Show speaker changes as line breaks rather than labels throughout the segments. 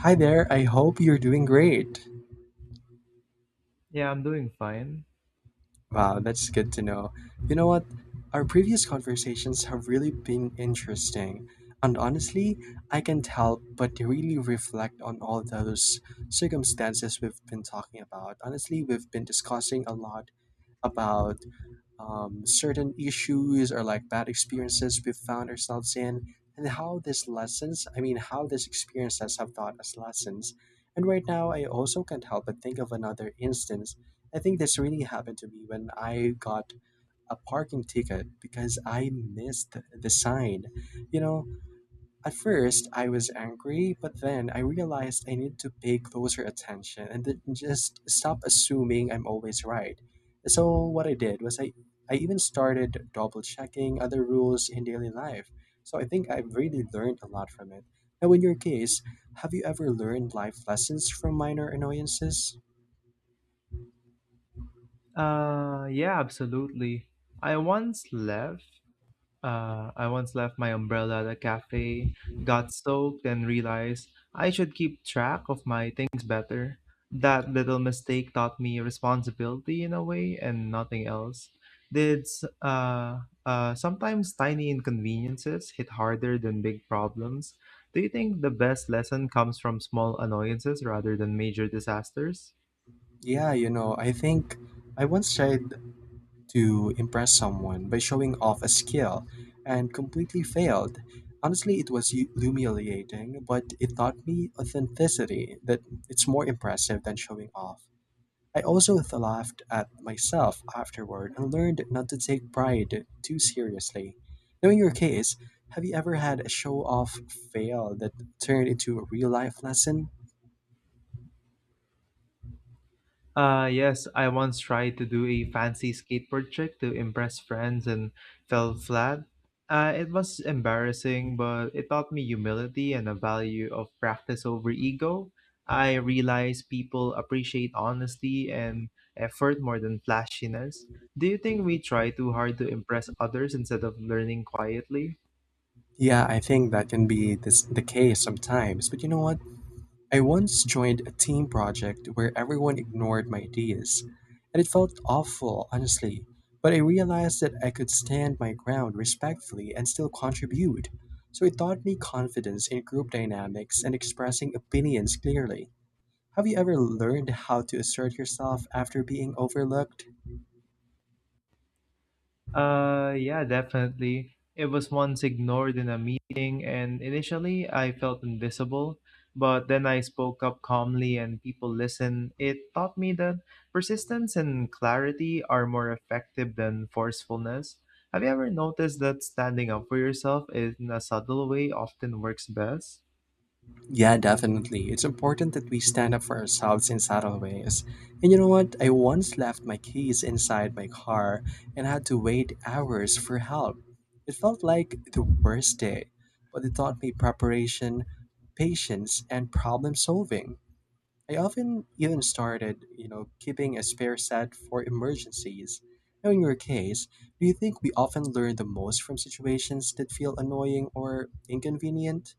Hi there, I hope you're doing great.
Yeah, I'm doing fine.
Wow, that's good to know. You know what? Our previous conversations have really been interesting. And honestly, I can't help but really reflect on all those circumstances we've been talking about. Honestly, we've been discussing a lot about certain issues or like bad experiences we've found ourselves in, and how these lessons I mean how these experiences have taught us lessons. And right now I also can't help but think of another instance. I think this really happened to me when I got a parking ticket because I missed the sign you know at first, I was angry, but then I realized I need to pay closer attention and then just stop assuming I'm always right. So, what I did was I even started double checking other rules in daily life. So, I think I've really learned a lot from it. Now, in your case, have you ever learned life lessons from minor annoyances?
Yeah, absolutely. I once left. I once left my umbrella at a cafe, got soaked, and realized I should keep track of my things better. That little mistake taught me responsibility in a way and nothing else. Did s- uh, Sometimes tiny inconveniences hit harder than big problems? Do you think the best lesson comes from small annoyances rather than major disasters?
Yeah, you know, I think I once tried to impress someone by showing off a skill and completely failed. Honestly, it was humiliating, but it taught me authenticity, that it's more impressive than showing off. I also laughed at myself afterward and learned not to take pride too seriously. Now, in your case, have you ever had a show off fail that turned into a real life lesson?
Yes, I once tried to do a fancy skateboard trick to impress friends and fell flat. It was embarrassing, but it taught me humility and the value of practice over ego. I realized people appreciate honesty and effort more than flashiness. Do you think we try too hard to impress others instead of learning quietly?
Yeah, I think that can be the case sometimes. But you know what? I once joined a team project where everyone ignored my ideas, and it felt awful, honestly. But I realized that I could stand my ground respectfully and still contribute. So it taught me confidence in group dynamics and expressing opinions clearly. Have you ever learned how to assert yourself after being overlooked?
Yeah, definitely. It was once ignored in a meeting, and initially I felt invisible, but then I spoke up calmly and people listened. It taught me that persistence and clarity are more effective than forcefulness. Have you ever noticed that standing up for yourself in a subtle way often works best?
Yeah, definitely. It's important that we stand up for ourselves in subtle ways. And you know what? I once left my keys inside my car and had to wait hours for help. It felt like the worst day, but it taught me preparation, patience, and problem solving. I often even started keeping a spare set for emergencies. Now, in your case, do you think we often learn the most from situations that feel annoying or inconvenient?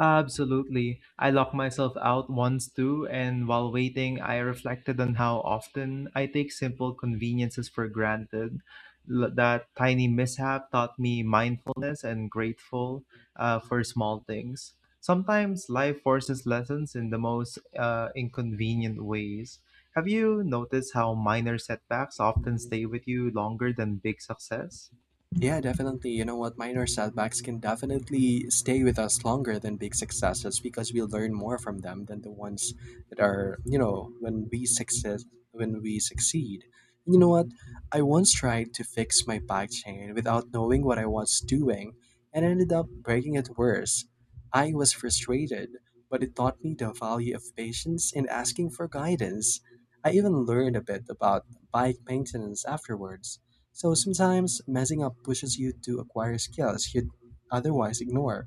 Absolutely. I locked myself out once too, and while waiting, I reflected on how often I take simple conveniences for granted. That tiny mishap taught me mindfulness and grateful for small things. Sometimes life forces lessons in the most inconvenient ways. Have you noticed how minor setbacks often stay with you longer than big success?
Yeah, definitely. You know what? Minor setbacks can definitely stay with us longer than big successes because we learn more from them than the ones that are when we success when we succeed. And you know what? I once tried to fix my back chain without knowing what I was doing and ended up breaking it worse. I was frustrated, but it taught me the value of patience and asking for guidance. I even learned a bit about bike maintenance afterwards, so sometimes messing up pushes you to acquire skills you'd otherwise ignore.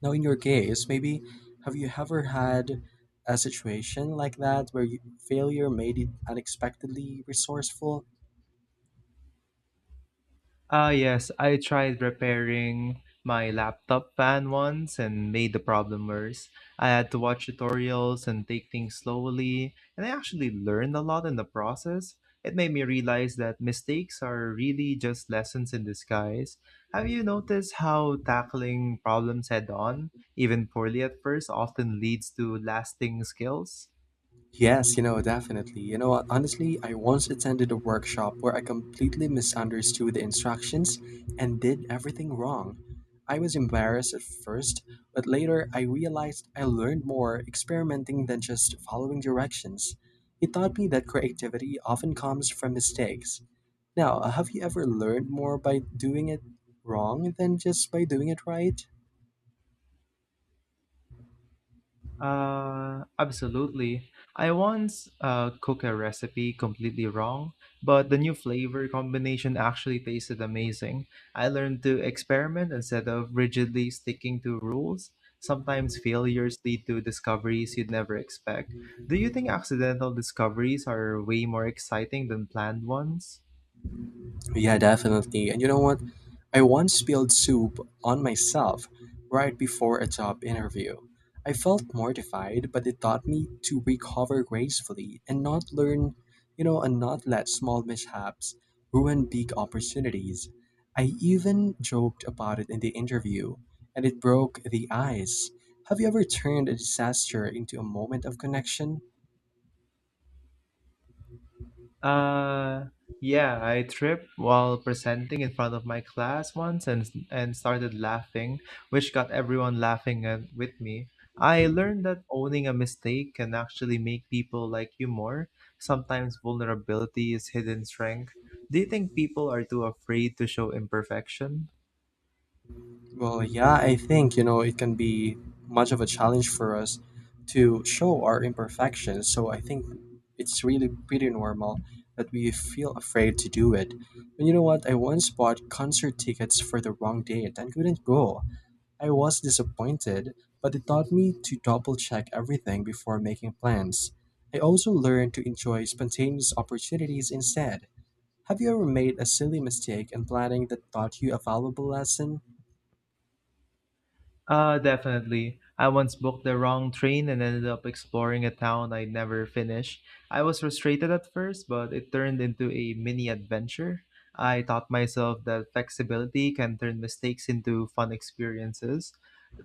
Now, in your case, maybe have you ever had a situation like that where failure made it unexpectedly resourceful?
Ah, yes, I tried repairing my laptop fan once and made the problem worse. I had to watch tutorials and take things slowly, and I actually learned a lot in the process. It made me realize that mistakes are really just lessons in disguise. Have you noticed how tackling problems head on, even poorly at first, often leads to lasting skills?
Yes, you know, definitely. You know what, honestly, I once attended a workshop where I completely misunderstood the instructions and did everything wrong. I was embarrassed at first, but later I realized I learned more experimenting than just following directions. It taught me that creativity often comes from mistakes. Now, have you ever learned more by doing it wrong than just by doing it right?
Absolutely. I once cooked a recipe completely wrong, but the new flavor combination actually tasted amazing. I learned to experiment instead of rigidly sticking to rules. Sometimes failures lead to discoveries you'd never expect. Do you think accidental discoveries are way more exciting than planned ones?
Yeah, definitely. And you know what? I once spilled soup on myself right before a job interview. I felt mortified, but it taught me to recover gracefully and not learn, you know, and not let small mishaps ruin big opportunities. I even joked about it in the interview, and it broke the ice. Have you ever turned a disaster into a moment of connection?
Uh, yeah, I tripped while presenting in front of my class once and started laughing, which got everyone laughing at, with me. I learned that owning a mistake can actually make people like you more. Sometimes vulnerability is hidden strength. Do you think people are too afraid to show imperfection?
Well, yeah, I think, you know, it can be much of a challenge for us to show our imperfections. So I think it's really pretty normal that we feel afraid to do it. And you know what? I once bought concert tickets for the wrong date and couldn't go. I was disappointed, but it taught me to double check everything before making plans. I also learned to enjoy spontaneous opportunities instead. Have you ever made a silly mistake in planning that taught you a valuable lesson?
Definitely. I once booked the wrong train and ended up exploring a town I'd never finished. I was frustrated at first, but it turned into a mini adventure. I taught myself that flexibility can turn mistakes into fun experiences.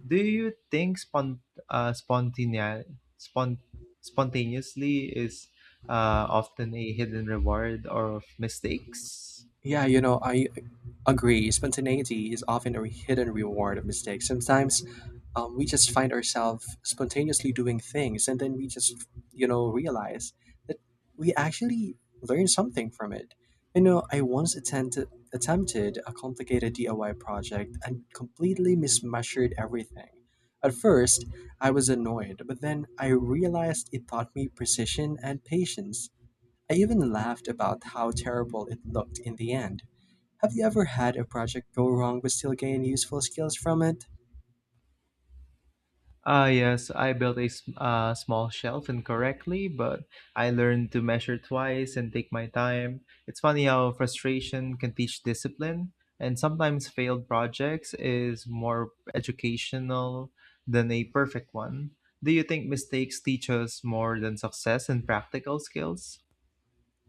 Do you think spont- spontaneously is often a hidden reward of mistakes?
Yeah, you know, I agree. Spontaneity is often a hidden reward of mistakes. Sometimes we just find ourselves spontaneously doing things, and then we just realize that we actually learned something from it. You know, I once attempted a complicated DIY project and completely mismeasured everything. At first, I was annoyed, but then I realized it taught me precision and patience. I even laughed about how terrible it looked in the end. Have you ever had a project go wrong but still gain useful skills from it?
Ah, yes, I built a small shelf incorrectly, but I learned to measure twice and take my time. It's funny how frustration can teach discipline, and sometimes failed projects is more educational than a perfect one. Do you think mistakes teach us more than success in practical skills?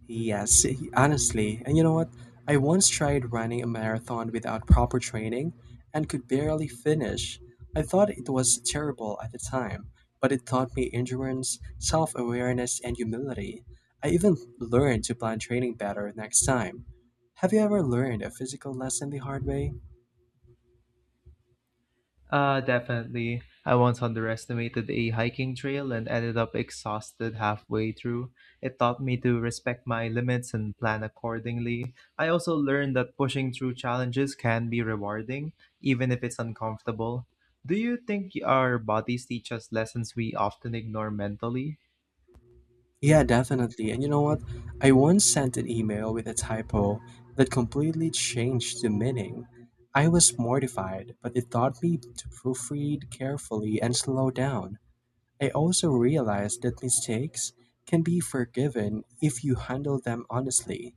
Yes, honestly. And you know what? I once tried running a marathon without proper training and could barely finish. I thought it was terrible at the time, but it taught me endurance, self awareness, and humility. I even learned to plan training better next time. Have you ever learned a physical lesson the hard way?
Definitely. I once underestimated a hiking trail and ended up exhausted halfway through. It taught me to respect my limits and plan accordingly. I also learned that pushing through challenges can be rewarding, even if it's uncomfortable. Do you think our bodies teach us lessons we often ignore mentally?
Yeah, definitely. And you know what? I once sent an email with a typo that completely changed the meaning. I was mortified, but it taught me to proofread carefully and slow down. I also realized that mistakes can be forgiven if you handle them honestly.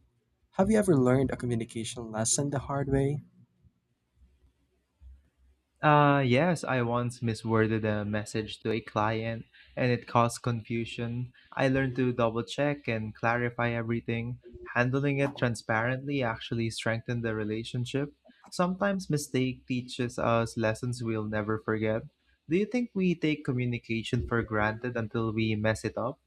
Have you ever learned a communication lesson the hard way?
Yes, I once misworded a message to a client and it caused confusion. I learned to double check and clarify everything. Handling it transparently actually strengthened the relationship. Sometimes mistake teaches us lessons we'll never forget. Do you think we take communication for granted until we mess it up?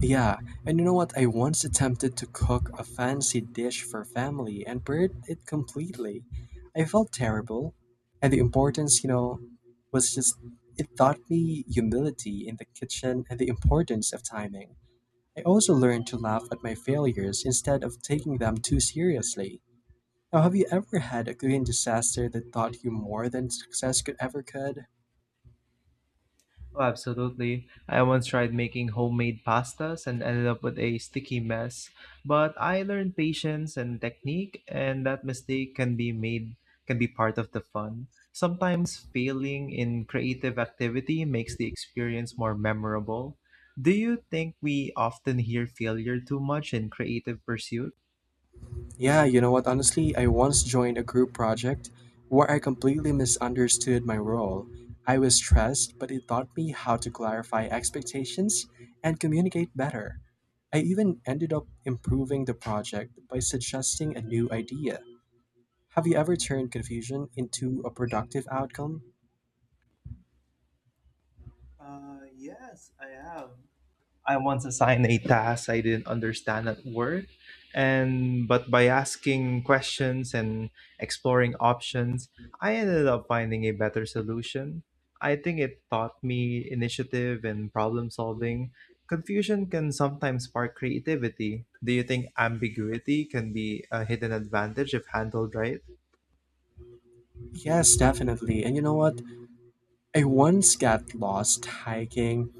Yeah, and you know what? I once attempted to cook a fancy dish for family and burned it completely. I felt terrible, and the importance, you know, was just it taught me humility in the kitchen and the importance of timing. I also learned to laugh at my failures instead of taking them too seriously. Now, have you ever had a cooking disaster that taught you more than success could ever could?
Oh, absolutely. I once tried making homemade pastas and ended up with a sticky mess. But I learned patience and technique, and that mistake can be made, can be part of the fun. Sometimes failing in creative activity makes the experience more memorable. Do you think we often hear failure too much in creative pursuit?
Yeah, you know what? Honestly, I once joined a group project where I completely misunderstood my role. I was stressed, but it taught me how to clarify expectations and communicate better. I even ended up improving the project by suggesting a new idea. Have you ever turned confusion into a productive outcome?
Yes, I have. I once assigned a task I didn't understand at work, and but by asking questions and exploring options, I ended up finding a better solution. I think it taught me initiative and problem solving. Confusion can sometimes spark creativity. Do you think ambiguity can be a hidden advantage if handled right?
Yes, definitely. And you know what? I once got lost hiking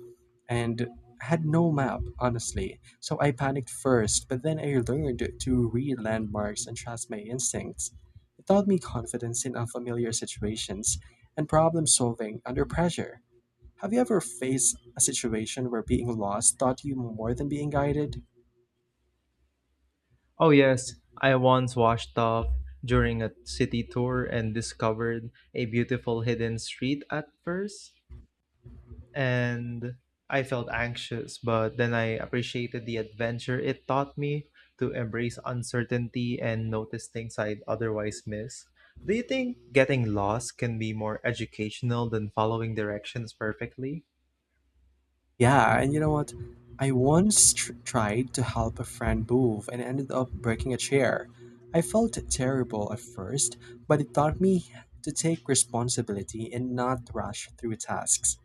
and had no map, honestly. So I panicked first, but then I learned to read landmarks and trust my instincts. It taught me confidence in unfamiliar situations and problem solving under pressure. Have you ever faced a situation where being lost taught you more than being guided?
Oh, yes. I once washed off during a city tour and discovered a beautiful hidden street at first. And I felt anxious, but then I appreciated the adventure it taught me to embrace uncertainty and notice things I'd otherwise miss. Do you think getting lost can be more educational than following directions perfectly?
Yeah, and you know what? I once tried to help a friend move and ended up breaking a chair. I felt terrible at first, but it taught me to take responsibility and not rush through tasks.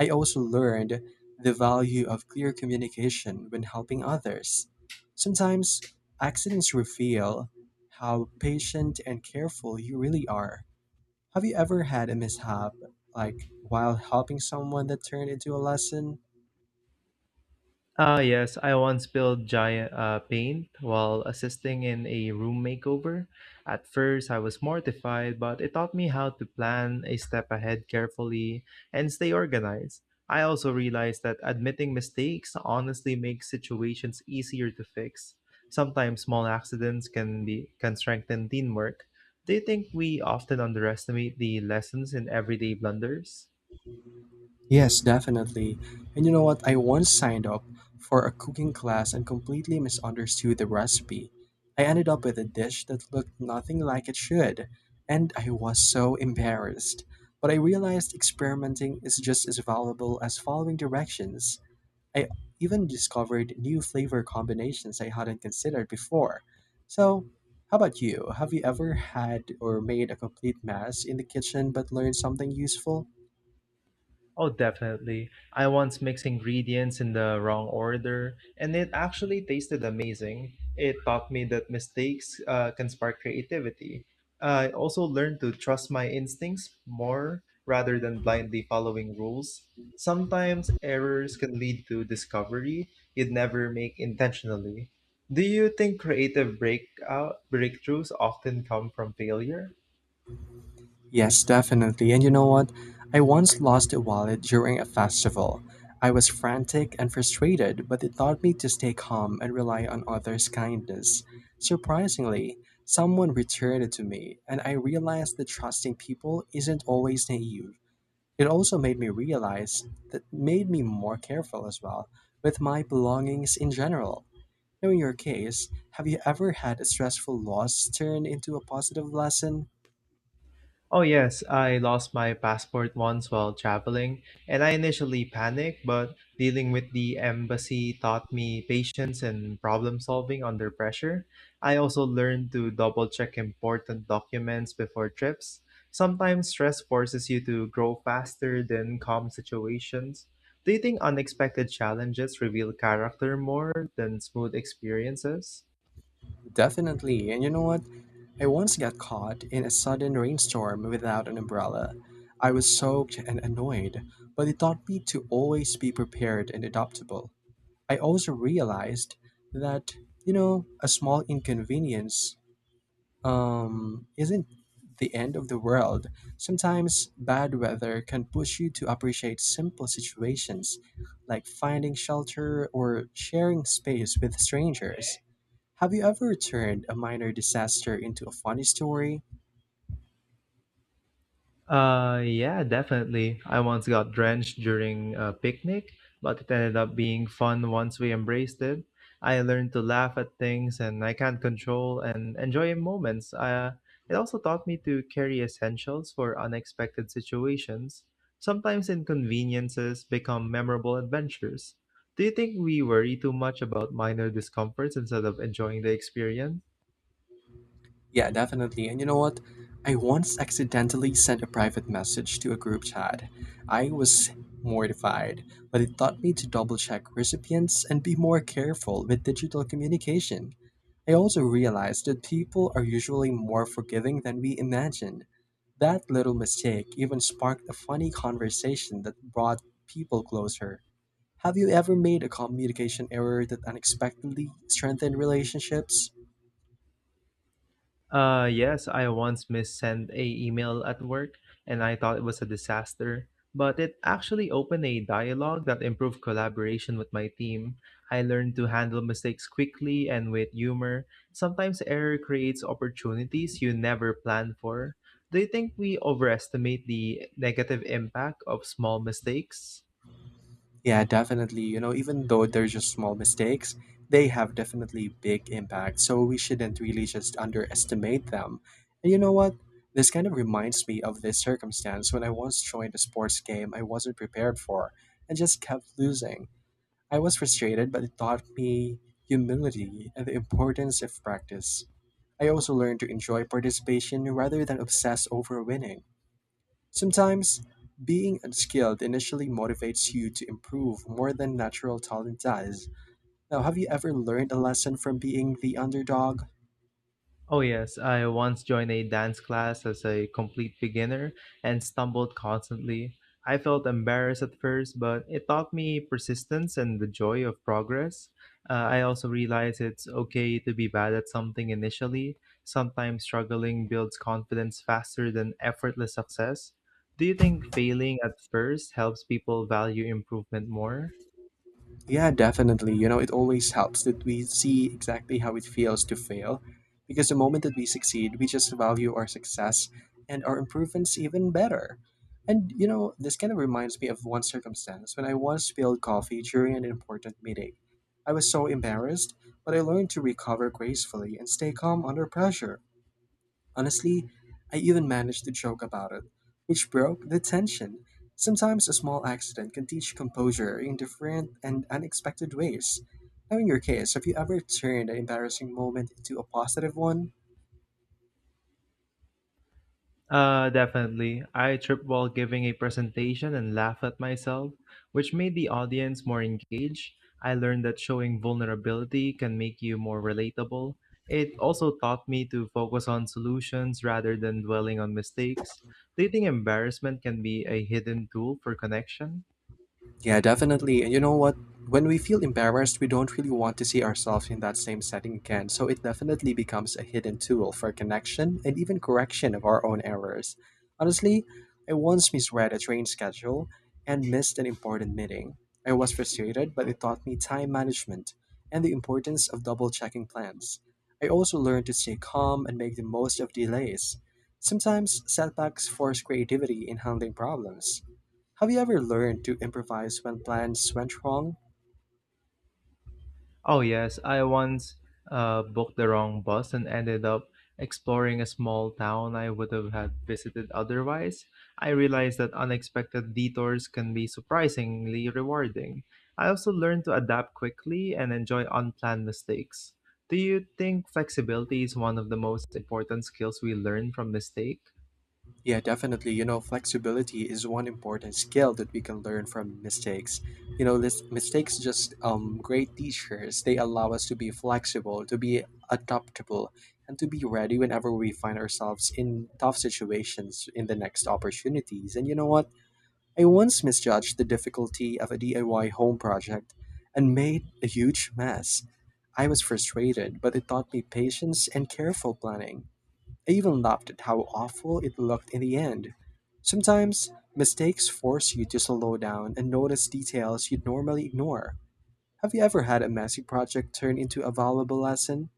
I also learned the value of clear communication when helping others. Sometimes accidents reveal how patient and careful you really are. Have you ever had a mishap, like while helping someone, that turned into a lesson?
Ah, yes, I once spilled giant paint while assisting in a room makeover. At first, I was mortified, but it taught me how to plan a step ahead carefully and stay organized. I also realized that admitting mistakes honestly makes situations easier to fix. Sometimes small accidents can be can strengthen teamwork. Do you think we often underestimate the lessons in everyday blunders?
Yes, definitely. And you know what? I once signed up for a cooking class and completely misunderstood the recipe. I ended up with a dish that looked nothing like it should, and I was so embarrassed. But I realized experimenting is just as valuable as following directions. I even discovered new flavor combinations I hadn't considered before. So, how about you? Have you ever had or made a complete mess in the kitchen but learned something useful?
Oh, definitely. I once mixed ingredients in the wrong order, and it actually tasted amazing. It taught me that mistakes can spark creativity. I also learned to trust my instincts more rather than blindly following rules. Sometimes errors can lead to discovery you'd never make intentionally. Do you think creative breakout breakthroughs often come from failure?
Yes, definitely. And you know what? I once lost a wallet during a festival. I was frantic and frustrated, but it taught me to stay calm and rely on others' kindness. Surprisingly, someone returned it to me, and I realized that trusting people isn't always naive. It also made me realize that made me more careful as well with my belongings in general. Now, in your case, have you ever had a stressful loss turn into a positive lesson?
Oh, yes, I lost my passport once while traveling, and I initially panicked, but dealing with the embassy taught me patience and problem solving under pressure. I also learned to double check important documents before trips. Sometimes stress forces you to grow faster than calm situations. Do you think unexpected challenges reveal character more than smooth experiences?
Definitely. And you know what? I once got caught in a sudden rainstorm without an umbrella. I was soaked and annoyed, but it taught me to always be prepared and adaptable. I also realized that a small inconvenience isn't the end of the world. Sometimes bad weather can push you to appreciate simple situations like finding shelter or sharing space with strangers. Have you ever turned a minor disaster into a funny story?
Yeah, definitely. I once got drenched during a picnic, but it ended up being fun once we embraced it. I learned to laugh at things and I can't control and enjoy moments. It also taught me to carry essentials for unexpected situations. Sometimes inconveniences become memorable adventures. Do you think we worry too much about minor discomforts instead of enjoying the experience?
Yeah, definitely. And you know what? I once accidentally sent a private message to a group chat. I was mortified, but it taught me to double check recipients and be more careful with digital communication. I also realized that people are usually more forgiving than we imagine. That little mistake even sparked a funny conversation that brought people closer. Have you ever made a communication error that unexpectedly strengthened relationships?
Yes, I once missent a email at work, and I thought it was a disaster. But it actually opened a dialogue that improved collaboration with my team. I learned to handle mistakes quickly and with humor. Sometimes error creates opportunities you never planned for. Do you think we overestimate the negative impact of small mistakes?
Yeah, definitely. You know, even though they're just small mistakes, they have definitely big impact. So we shouldn't really just underestimate them. And you know what? This kind of reminds me of this circumstance when I once joined a sports game I wasn't prepared for and just kept losing. I was frustrated, but it taught me humility and the importance of practice. I also learned to enjoy participation rather than obsess over winning. Sometimes, being unskilled initially motivates you to improve more than natural talent does. Now, have you ever learned a lesson from being the underdog?
Oh, yes. I once joined a dance class as a complete beginner and stumbled constantly. I felt embarrassed at first, but it taught me persistence and the joy of progress. I also realized it's okay to be bad at something initially. Sometimes struggling builds confidence faster than effortless success. Do you think failing at first helps people value improvement more?
Yeah, definitely. You know, it always helps that we see exactly how it feels to fail because the moment that we succeed, we just value our success and our improvements even better. And, you know, this kind of reminds me of one circumstance when I once spilled coffee during an important meeting. I was so embarrassed, but I learned to recover gracefully and stay calm under pressure. Honestly, I even managed to joke about it, which broke the tension. Sometimes a small accident can teach composure in different and unexpected ways. Now, in your case, have you ever turned an embarrassing moment into a positive one?
Definitely. I tripped while giving a presentation and laughed at myself, which made the audience more engaged. I learned that showing vulnerability can make you more relatable. It also taught me to focus on solutions rather than dwelling on mistakes. Do you think embarrassment can be a hidden tool for connection?
Yeah, definitely. And you know what? When we feel embarrassed, we don't really want to see ourselves in that same setting again. So it definitely becomes a hidden tool for connection and even correction of our own errors. Honestly, I once misread a train schedule and missed an important meeting. I was frustrated, but it taught me time management and the importance of double checking plans. I also learned to stay calm and make the most of delays. Sometimes setbacks force creativity in handling problems. Have you ever learned to improvise when plans went wrong?
Oh, yes, I once booked the wrong bus and ended up exploring a small town I would have had visited otherwise. I realized that unexpected detours can be surprisingly rewarding. I also learned to adapt quickly and enjoy unplanned mistakes. Do you think flexibility is one of the most important skills we learn from mistake?
Yeah, definitely. You know, flexibility is one important skill that we can learn from mistakes. You know, this, mistakes just great teachers. They allow us to be flexible, to be adaptable, and to be ready whenever we find ourselves in tough situations in the next opportunities. And you know what? I once misjudged the difficulty of a DIY home project and made a huge mess. I was frustrated, but it taught me patience and careful planning. I even laughed at how awful it looked in the end. Sometimes, mistakes force you to slow down and notice details you'd normally ignore. Have you ever had a messy project turn into a valuable lesson?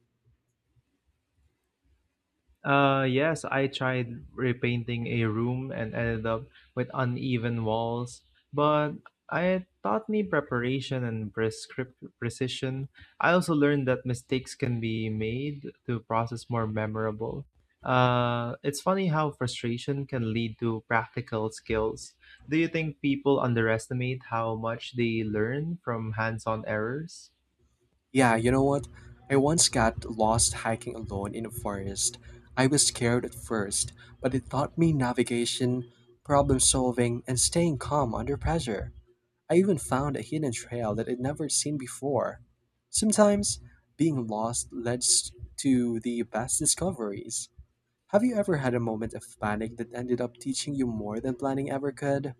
Yes, I tried repainting a room and ended up with uneven walls, but I taught me preparation and prescrip precision. I also learned that mistakes can be made to process more memorable. It's funny how frustration can lead to practical skills. Do you think people underestimate how much they learn from hands-on errors?
Yeah, you know what? I once got lost hiking alone in a forest. I was scared at first, but it taught me navigation, problem solving, and staying calm under pressure. I even found a hidden trail that I'd never seen before. Sometimes, being lost leads to the best discoveries. Have you ever had a moment of panic that ended up teaching you more than planning ever could?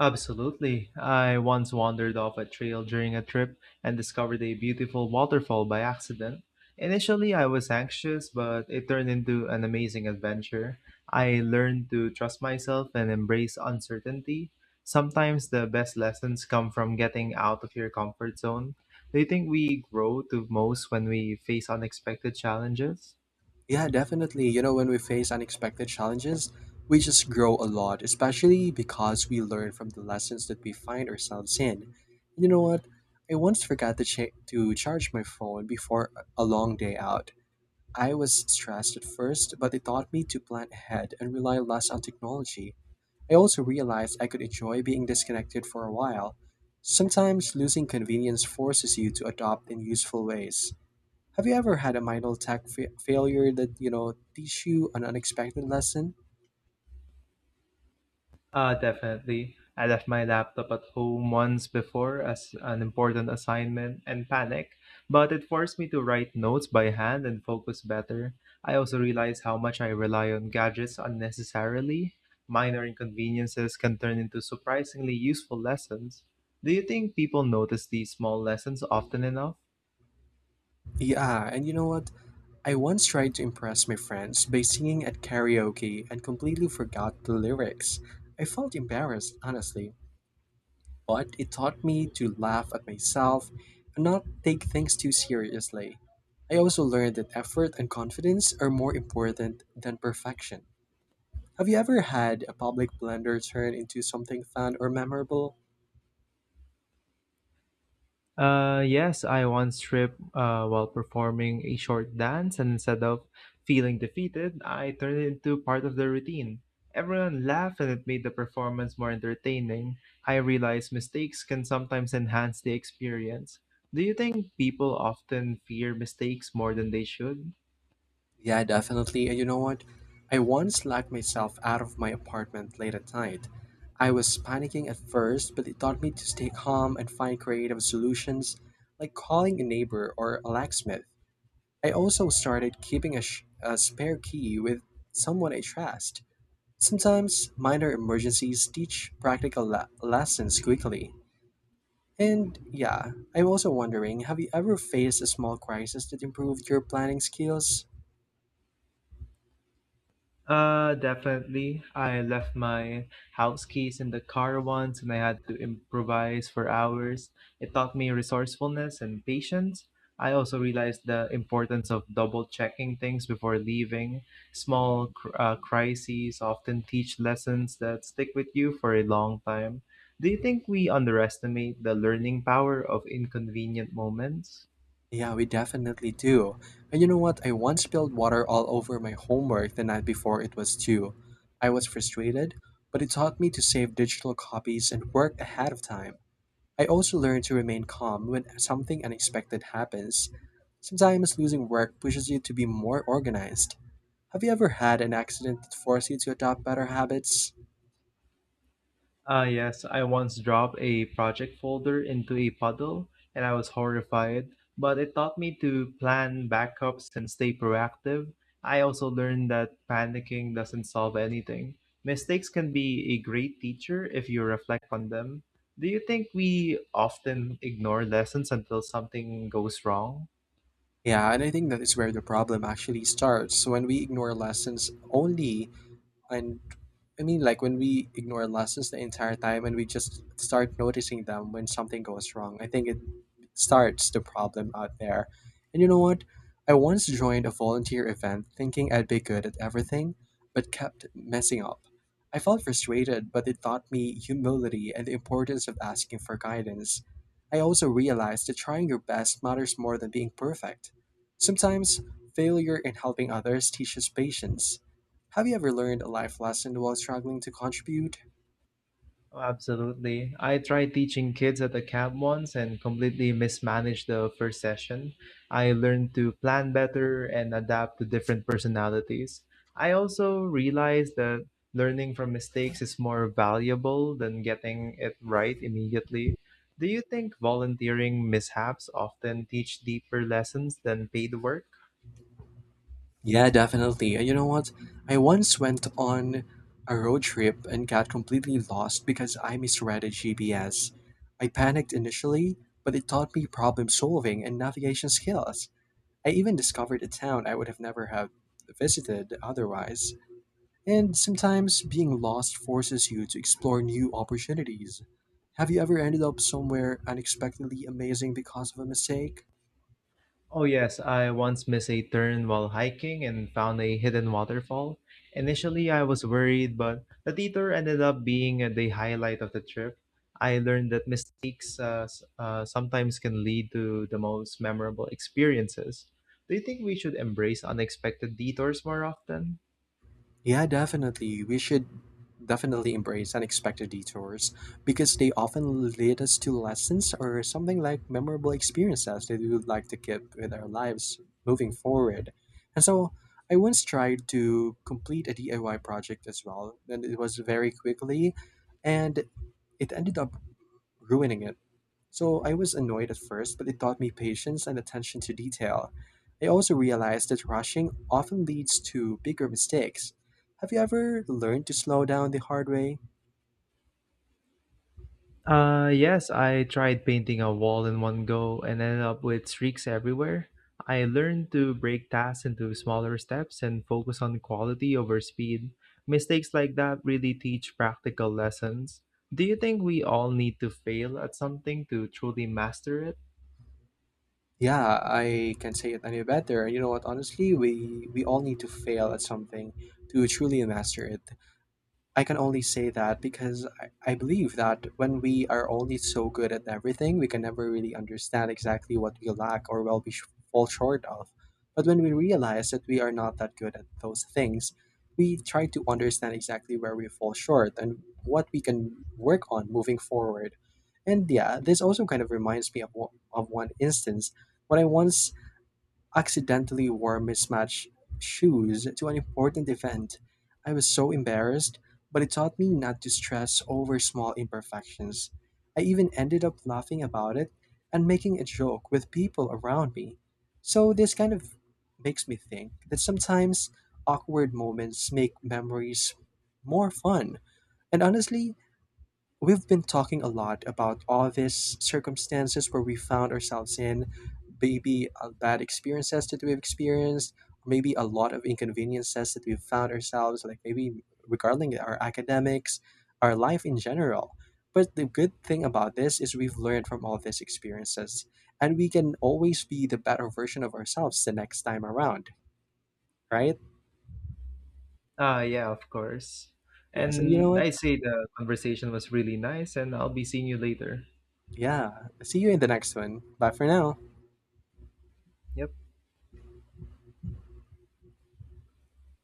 Absolutely. I once wandered off a trail during a trip and discovered a beautiful waterfall by accident. Initially, I was anxious, but it turned into an amazing adventure. I learned to trust myself and embrace uncertainty. Sometimes the best lessons come from getting out of your comfort zone. Do you think we grow the most when we face unexpected challenges?
Yeah, definitely. You know, when we face unexpected challenges, we just grow a lot, especially because we learn from the lessons that we find ourselves in. You know what? I once forgot to charge my phone before a long day out. I was stressed at first, but it taught me to plan ahead and rely less on technology. I also realized I could enjoy being disconnected for a while. Sometimes losing convenience forces you to adopt in useful ways. Have you ever had a minor tech failure that, you know, teach you an unexpected lesson?
Definitely. I left my laptop at home once before as an important assignment and panic, but it forced me to write notes by hand and focus better. I also realized how much I rely on gadgets unnecessarily. Minor inconveniences can turn into surprisingly useful lessons. Do you think people notice these small lessons often enough?
Yeah, and you know what? I once tried to impress my friends by singing at karaoke and completely forgot the lyrics. I felt embarrassed, honestly, but it taught me to laugh at myself and not take things too seriously. I also learned that effort and confidence are more important than perfection. Have you ever had a public blunder turn into something fun or memorable?
Yes, I once tripped while performing a short dance, and instead of feeling defeated, I turned it into part of the routine. Everyone laughed, and it made the performance more entertaining. I realized mistakes can sometimes enhance the experience. Do you think people often fear mistakes more than they should?
Yeah, definitely. And you know what? I once locked myself out of my apartment late at night. I was panicking at first, but it taught me to stay calm and find creative solutions, like calling a neighbor or a locksmith. I also started keeping a spare key with someone I trust. Sometimes minor emergencies teach practical lessons quickly. And yeah, I'm also wondering, have you ever faced a small crisis that improved your planning skills?
Definitely. I left my house keys in the car once and I had to improvise for hours. It taught me resourcefulness and patience. I also realized the importance of double checking things before leaving. Small crises often teach lessons that stick with you for a long time. Do you think we underestimate the learning power of inconvenient moments?
Yeah, we definitely do. And you know what? I once spilled water all over my homework the night before it was due. I was frustrated, but it taught me to save digital copies and work ahead of time. I also learned to remain calm when something unexpected happens. Sometimes losing work pushes you to be more organized. Have you ever had an accident that forced you to adopt better habits?
Ah, yes, I once dropped a project folder into a puddle and I was horrified, but it taught me to plan backups and stay proactive. I also learned that panicking doesn't solve anything. Mistakes can be a great teacher if you reflect on them. Do you think we often ignore lessons until something goes wrong?
Yeah, and I think that is where the problem actually starts. So when we ignore lessons only and, I mean, like when we ignore lessons the entire time and we just start noticing them when something goes wrong, I think it starts the problem out there. And you know what? I once joined a volunteer event thinking I'd be good at everything, but kept messing up. I felt frustrated, but it taught me humility and the importance of asking for guidance. I also realized that trying your best matters more than being perfect. Sometimes, failure in helping others teaches patience. Have you ever learned a life lesson while struggling to contribute?
Oh, absolutely. I tried teaching kids at the camp once and completely mismanaged the first session. I learned to plan better and adapt to different personalities. I also realized that learning from mistakes is more valuable than getting it right immediately. Do you think volunteering mishaps often teach deeper lessons than paid work?
Yeah, definitely. And you know what? I once went on a road trip and got completely lost because I misread a GPS. I panicked initially, but it taught me problem solving and navigation skills. I even discovered a town I would have never have visited otherwise. And sometimes being lost forces you to explore new opportunities. Have you ever ended up somewhere unexpectedly amazing because of a mistake?
Oh, yes, I once missed a turn while hiking and found a hidden waterfall. Initially, I was worried, but the detour ended up being the highlight of the trip. I learned that mistakes sometimes can lead to the most memorable experiences. Do you think we should embrace unexpected detours more often?
Yeah, definitely. We should definitely embrace unexpected detours because they often lead us to lessons or something like memorable experiences that we would like to keep with our lives moving forward. And so I once tried to complete a DIY project as well, and it was very quickly, and it ended up ruining it. So I was annoyed at first, but it taught me patience and attention to detail. I also realized that rushing often leads to bigger mistakes. Have you ever learned to slow down the hard way?
Yes, I tried painting a wall in one go and ended up with streaks everywhere. I learned to break tasks into smaller steps and focus on quality over speed. Mistakes like that really teach practical lessons. Do you think we all need to fail at something to truly master it?
Yeah, I can not say it any better. You know what, honestly, we all need to fail at something to truly master it. I can only say that because I believe that when we are only so good at everything, we can never really understand exactly what we lack or well fall short of. But when we realize that we are not that good at those things, we try to understand exactly where we fall short and what we can work on moving forward. And yeah, this also kind of reminds me of one instance when I once accidentally wore mismatched shoes to an important event. I was so embarrassed, but it taught me not to stress over small imperfections. I even ended up laughing about it and making a joke with people around me. So, this kind of makes me think that sometimes awkward moments make memories more fun. And honestly, we've been talking a lot about all these circumstances where we found ourselves in maybe bad experiences that we've experienced, maybe a lot of inconveniences that we've found ourselves, like maybe regarding our academics, our life in general. But the good thing about this is we've learned from all these experiences, and we can always be the better version of ourselves the next time around, right?
Yeah, of course.
Yes, and you know
And
what?
I say the conversation was really nice, and I'll be seeing you later.
Yeah, see you in the next one. Bye for now.
Yep.